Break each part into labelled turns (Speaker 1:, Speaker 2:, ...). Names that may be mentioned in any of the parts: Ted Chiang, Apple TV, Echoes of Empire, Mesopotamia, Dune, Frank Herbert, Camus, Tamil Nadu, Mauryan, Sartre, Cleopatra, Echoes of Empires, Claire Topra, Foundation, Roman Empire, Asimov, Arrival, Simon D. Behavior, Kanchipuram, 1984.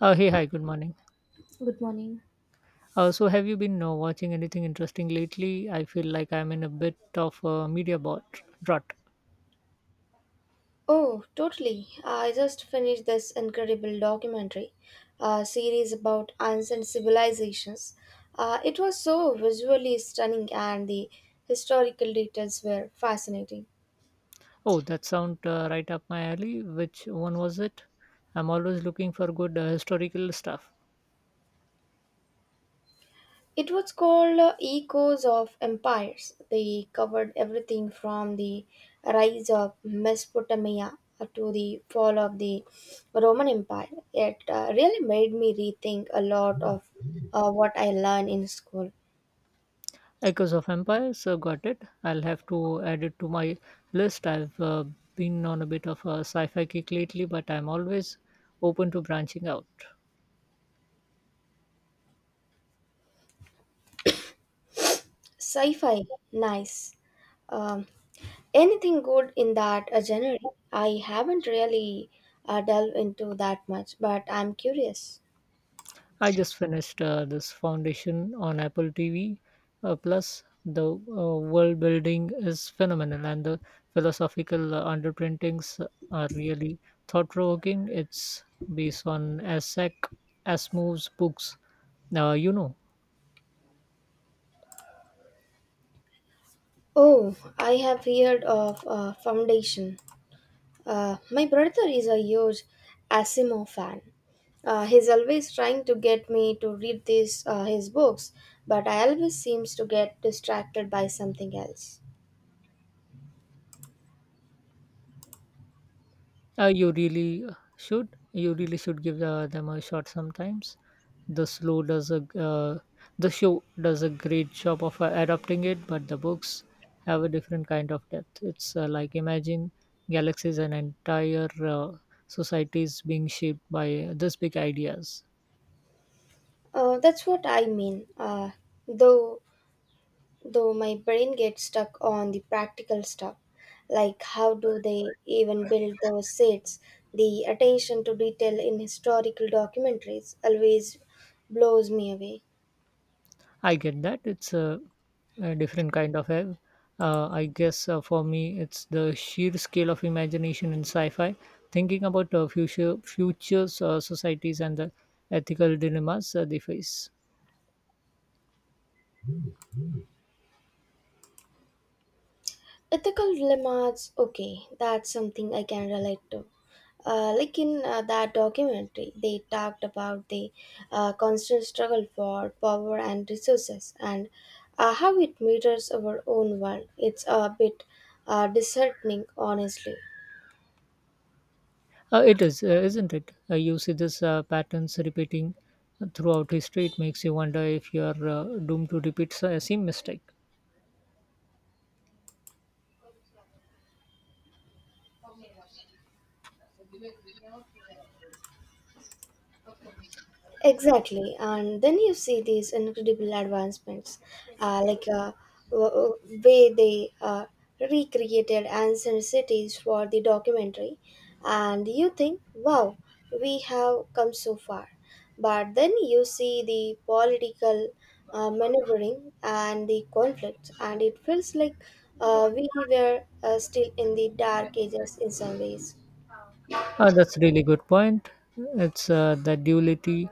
Speaker 1: Hey, hi, good morning.
Speaker 2: Good morning.
Speaker 1: So, have you been watching anything interesting lately? I feel like I'm in a bit of a media bot rut.
Speaker 2: Oh, totally. I just finished this incredible documentary series about ancient civilizations. It was so visually stunning and the historical details were fascinating.
Speaker 1: Oh, that sound right up my alley. Which one was it? I'm always looking for good historical stuff.
Speaker 2: It was called Echoes of Empires. They covered everything from the rise of Mesopotamia to the fall of the Roman Empire. It really made me rethink a lot of what I learned in school.
Speaker 1: Echoes of Empire, so got it. I'll have to add it to my list. I've been on a bit of a sci fi kick lately, but I'm always open to branching out.
Speaker 2: Sci-fi, nice. Um, Anything good in that genre? I haven't really delved into that much, but I'm curious.
Speaker 1: I just finished this Foundation on Apple TV. Plus, the world building is phenomenal, and the philosophical underprintings are really thought provoking. It's based on Isaac Asimov's books, you know.
Speaker 2: Oh, I have heard of Foundation. My brother is a huge Asimov fan. He's always trying to get me to read these his books, but I always seems to get distracted by something else.
Speaker 1: You really should. You really should give them a shot sometimes. The slow does a uh, the show does a great job of adapting it, but the books have a different kind of depth. It's like imagine galaxies and entire societies being shaped by this big ideas.
Speaker 2: That's what I mean. Though Though my brain gets stuck on the practical stuff, like how do they even build those sets, the attention to detail in historical documentaries always blows me away.
Speaker 1: I get that. It's a different kind of a I guess for me it's the sheer scale of imagination in sci-fi, thinking about futures societies and the ethical dilemmas they face.
Speaker 2: Ethical dilemmas, okay, that's something I can relate to. Like in that documentary, they talked about the constant struggle for power and resources and how it mirrors our own world. It's a bit disheartening, honestly.
Speaker 1: It is, isn't it? You see this patterns repeating throughout history. It makes you wonder if you are doomed to repeat the same mistake.
Speaker 2: Exactly, and then you see these incredible advancements, like w- w- way they recreated ancient cities for the documentary, and you think, wow, we have come so far. But then you see the political maneuvering and the conflicts, and it feels like we were still in the dark ages in some ways.
Speaker 1: That's really good point. It's the duality,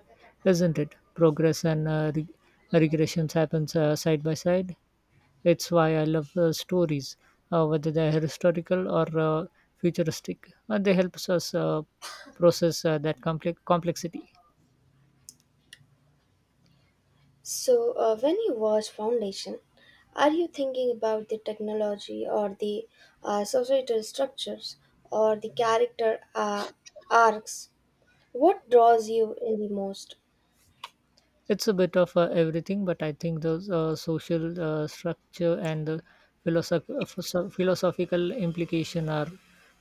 Speaker 1: isn't it? Progress and regressions happens side by side. It's why I love stories, whether they're historical or futuristic. They help us process that complexity.
Speaker 2: So, when you watch Foundation, are you thinking about the technology or the societal structures or the character arcs? What draws you in the most?
Speaker 1: It's a bit of everything, but I think the social structure and the philosophical implication are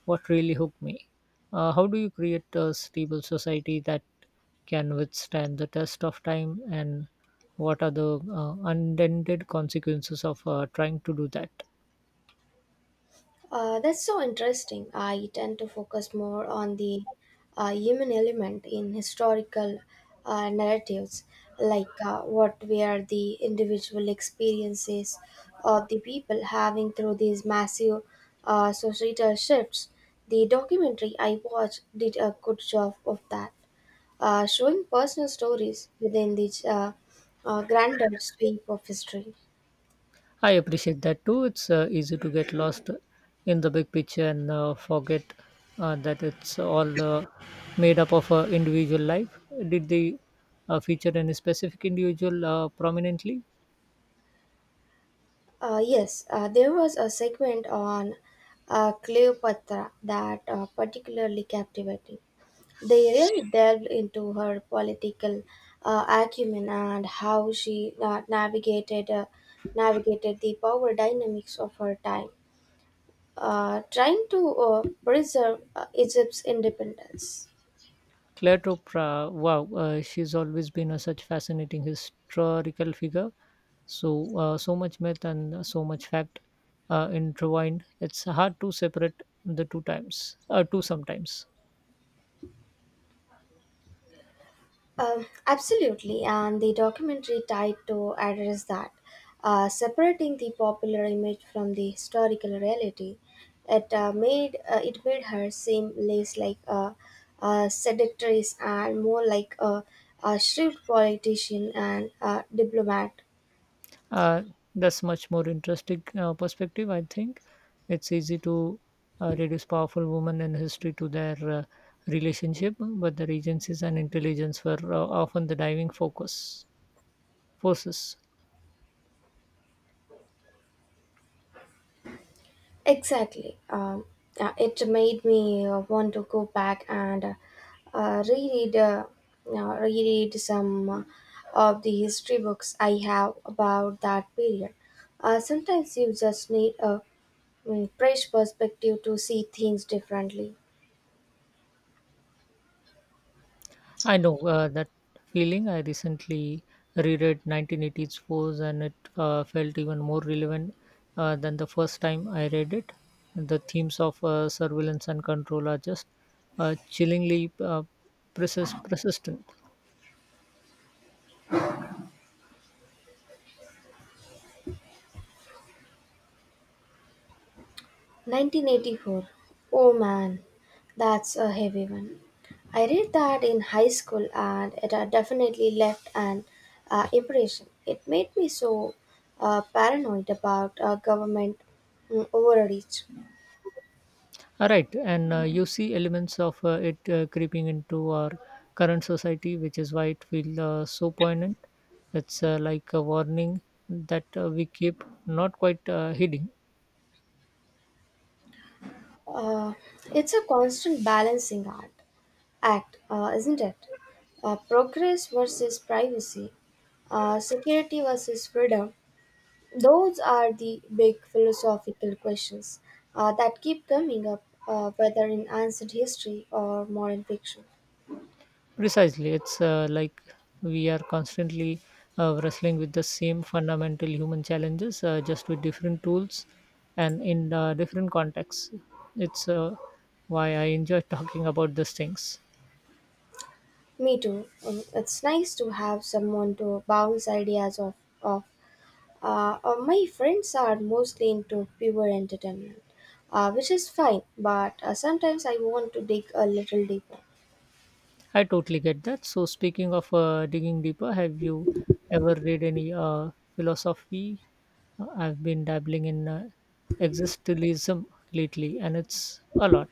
Speaker 1: what really hook me. How do you create a stable society that can withstand the test of time, and what are the unintended consequences of trying to do that?
Speaker 2: That's so interesting. I tend to focus more on the human element in historical narratives, like what were the individual experiences of the people having through these massive societal shifts. The documentary I watched did a good job of that, showing personal stories within the grander sweep of history.
Speaker 1: I appreciate that too. It's easy to get lost in the big picture and forget that it's all made up of individual life. Did they feature any specific individual prominently?
Speaker 2: Yes, there was a segment on Cleopatra that particularly captivating. They really delved into her political acumen and how she navigated the power dynamics of her time, trying to preserve Egypt's independence.
Speaker 1: Claire Topra, wow, she's always been a such fascinating historical figure. So, so much myth and so much fact intertwined. It's hard to separate the two times, two sometimes.
Speaker 2: Absolutely, and the documentary tried to address that, separating the popular image from the historical reality. It made her seem less like a seductress and more like a shrewd politician and a diplomat.
Speaker 1: uh, that's much more interesting perspective, I think. It's easy to reduce powerful women in history to their relationship, but the regencies and intelligence were often the diving focus forces.
Speaker 2: Exactly. It made me want to go back and uh, reread, uh, reread some of the history books I have about that period. Sometimes you just need a fresh perspective to see things differently.
Speaker 1: I know that feeling. I recently reread 1980s force, and it felt even more relevant than the first time I read it. The themes of surveillance and control are just chillingly persistent.
Speaker 2: 1984. Oh man, that's a heavy one. I read that in high school and it had definitely left an impression. It made me so paranoid about government overreach.
Speaker 1: Right, and you see elements of it creeping into our current society, which is why it feels so poignant. It's like a warning that we keep not quite hiding.
Speaker 2: Uh, it's a constant balancing act, isn't it? Progress versus privacy, security versus freedom. Those are the big philosophical questions that keep coming up, whether in ancient history or modern fiction.
Speaker 1: Precisely, it's like we are constantly wrestling with the same fundamental human challenges, just with different tools, and in different contexts. It's why I enjoy talking about these things.
Speaker 2: Me too. It's nice to have someone to bounce ideas off. My friends are mostly into pure entertainment, which is fine, but sometimes I want to dig a little deeper.
Speaker 1: I totally get that. So, speaking of digging deeper, have you ever read any philosophy? I've been dabbling in existentialism lately, and it's a lot.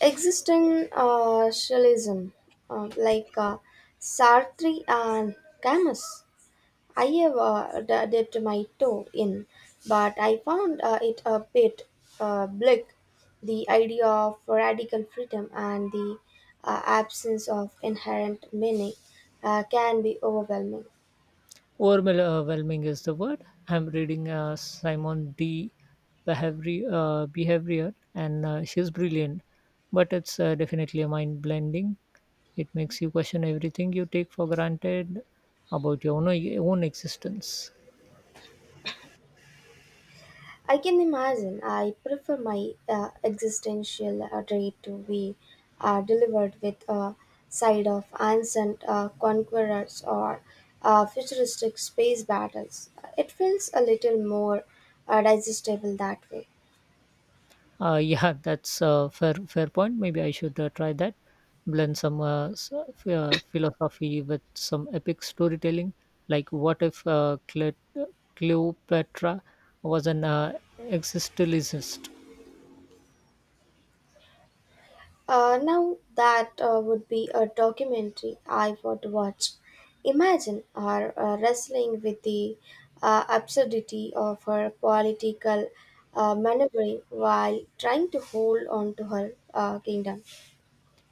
Speaker 2: Existentialism, like Sartre and Camus I have dipped my toe in, but I found it a bit bleak. The idea of radical freedom and the absence of inherent meaning can be overwhelming.
Speaker 1: Overwhelming is the word. I'm reading Simon D. Behavior, Behavior, and she's brilliant, but it's definitely a mind blending. It makes you question everything you take for granted about your own existence.
Speaker 2: I can imagine. I prefer my existential dread to be delivered with a side of ancient conquerors or futuristic space battles. It feels a little more digestible that way.
Speaker 1: Yeah, that's a fair point. Maybe I should try that. Blend some philosophy with some epic storytelling. Like, what if Cleopatra was an existentialist?
Speaker 2: Now that would be a documentary I would watch. Imagine her wrestling with the absurdity of her political maneuvering while trying to hold on to her kingdom.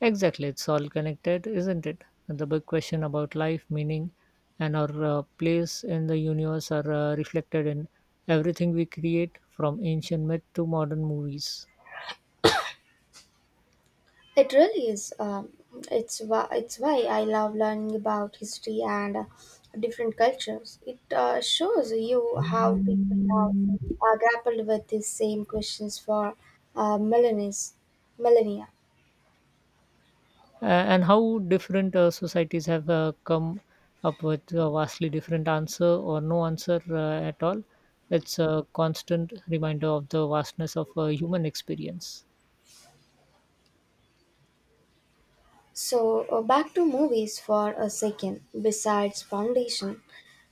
Speaker 1: Exactly, it's all connected, isn't it? The big question about life, meaning, and our place in the universe are reflected in everything we create, from ancient myth to modern movies.
Speaker 2: It really is. It's why I love learning about history and different cultures. It shows you how people have grappled with these same questions for uh, millennia. millennia.
Speaker 1: And how different societies have come up with a vastly different answer, or no answer at all. It's a constant reminder of the vastness of human experience.
Speaker 2: So, back to movies for a second, besides Foundation.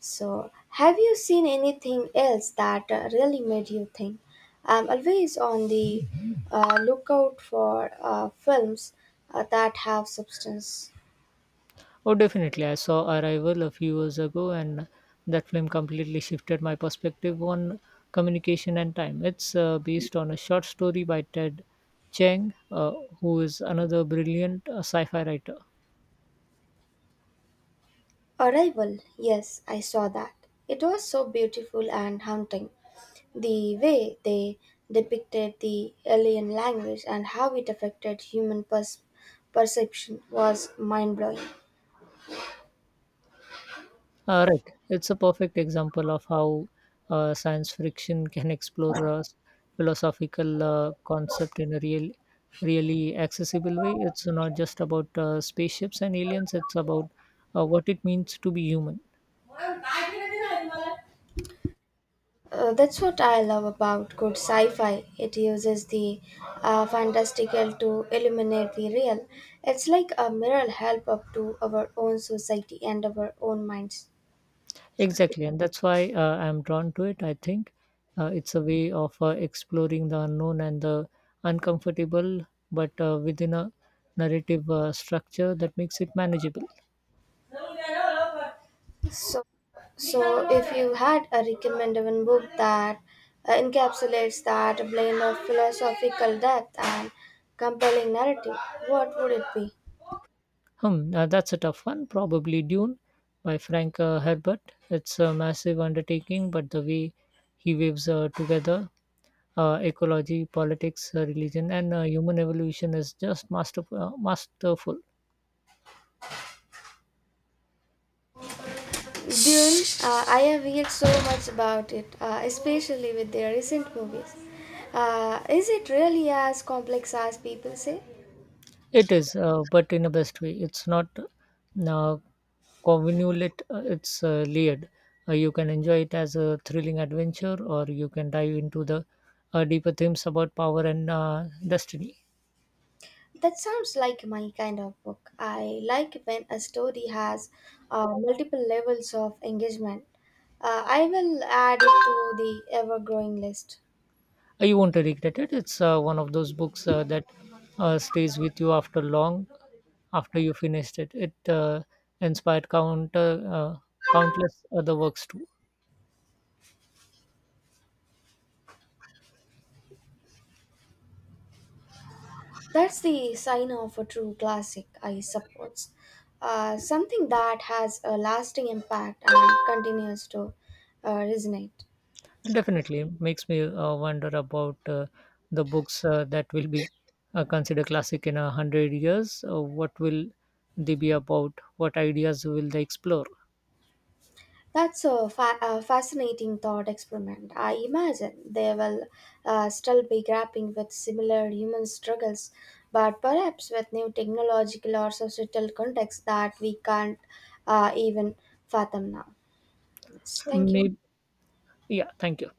Speaker 2: So, have you seen anything else that really made you think? I'm always on the lookout for films that have substance.
Speaker 1: Oh, definitely. I saw Arrival a few years ago, and that film completely shifted my perspective on communication and time. It's based on a short story by Ted Chiang, who is another brilliant sci fi writer.
Speaker 2: Arrival, yes, I saw that. It was so beautiful and haunting. The way they depicted the alien language and how it affected human perception was mind blowing.
Speaker 1: Right. It's a perfect example of how science fiction can explore a philosophical concept in a really accessible way. It's not just about spaceships and aliens, it's about what it means to be human.
Speaker 2: That's what I love about good sci fi. It uses the fantastical to illuminate the real. It's like a mirror help up to our own society and our own minds.
Speaker 1: Exactly. And that's why I'm drawn to it. I think it's a way of exploring the unknown and the uncomfortable, but within a narrative structure that makes it manageable.
Speaker 2: So, so if you had a recommendable book that encapsulates that blend of philosophical depth and compelling narrative, what would it be?
Speaker 1: That's a tough one. Probably Dune by Frank Herbert. It's a massive undertaking, but the way he weaves together ecology, politics, religion, and human evolution is just masterful.
Speaker 2: Dune, I have heard so much about it, especially with their recent movies. Is it really as complex as people say?
Speaker 1: It is, but in a best way. It's not convolute, it's layered. You can enjoy it as a thrilling adventure, or you can dive into the deeper themes about power and destiny.
Speaker 2: That sounds like my kind of book. I like when a story has multiple levels of engagement. I will add it to the ever growing list.
Speaker 1: You won't regret it. It's one of those books that stays with you after long after you finished it. It inspired counter countless other works too.
Speaker 2: That's the sign of a true classic, I suppose. Something that has a lasting impact and continues to resonate.
Speaker 1: And definitely makes me wonder about the books that will be considered classic in 100 years. What will they be about? What ideas will they explore?
Speaker 2: That's a fascinating thought experiment. I imagine they will still be grappling with similar human struggles, but perhaps with new technological or societal context that we can't even fathom now. Yes, thank you.
Speaker 1: Maybe, yeah. Thank you.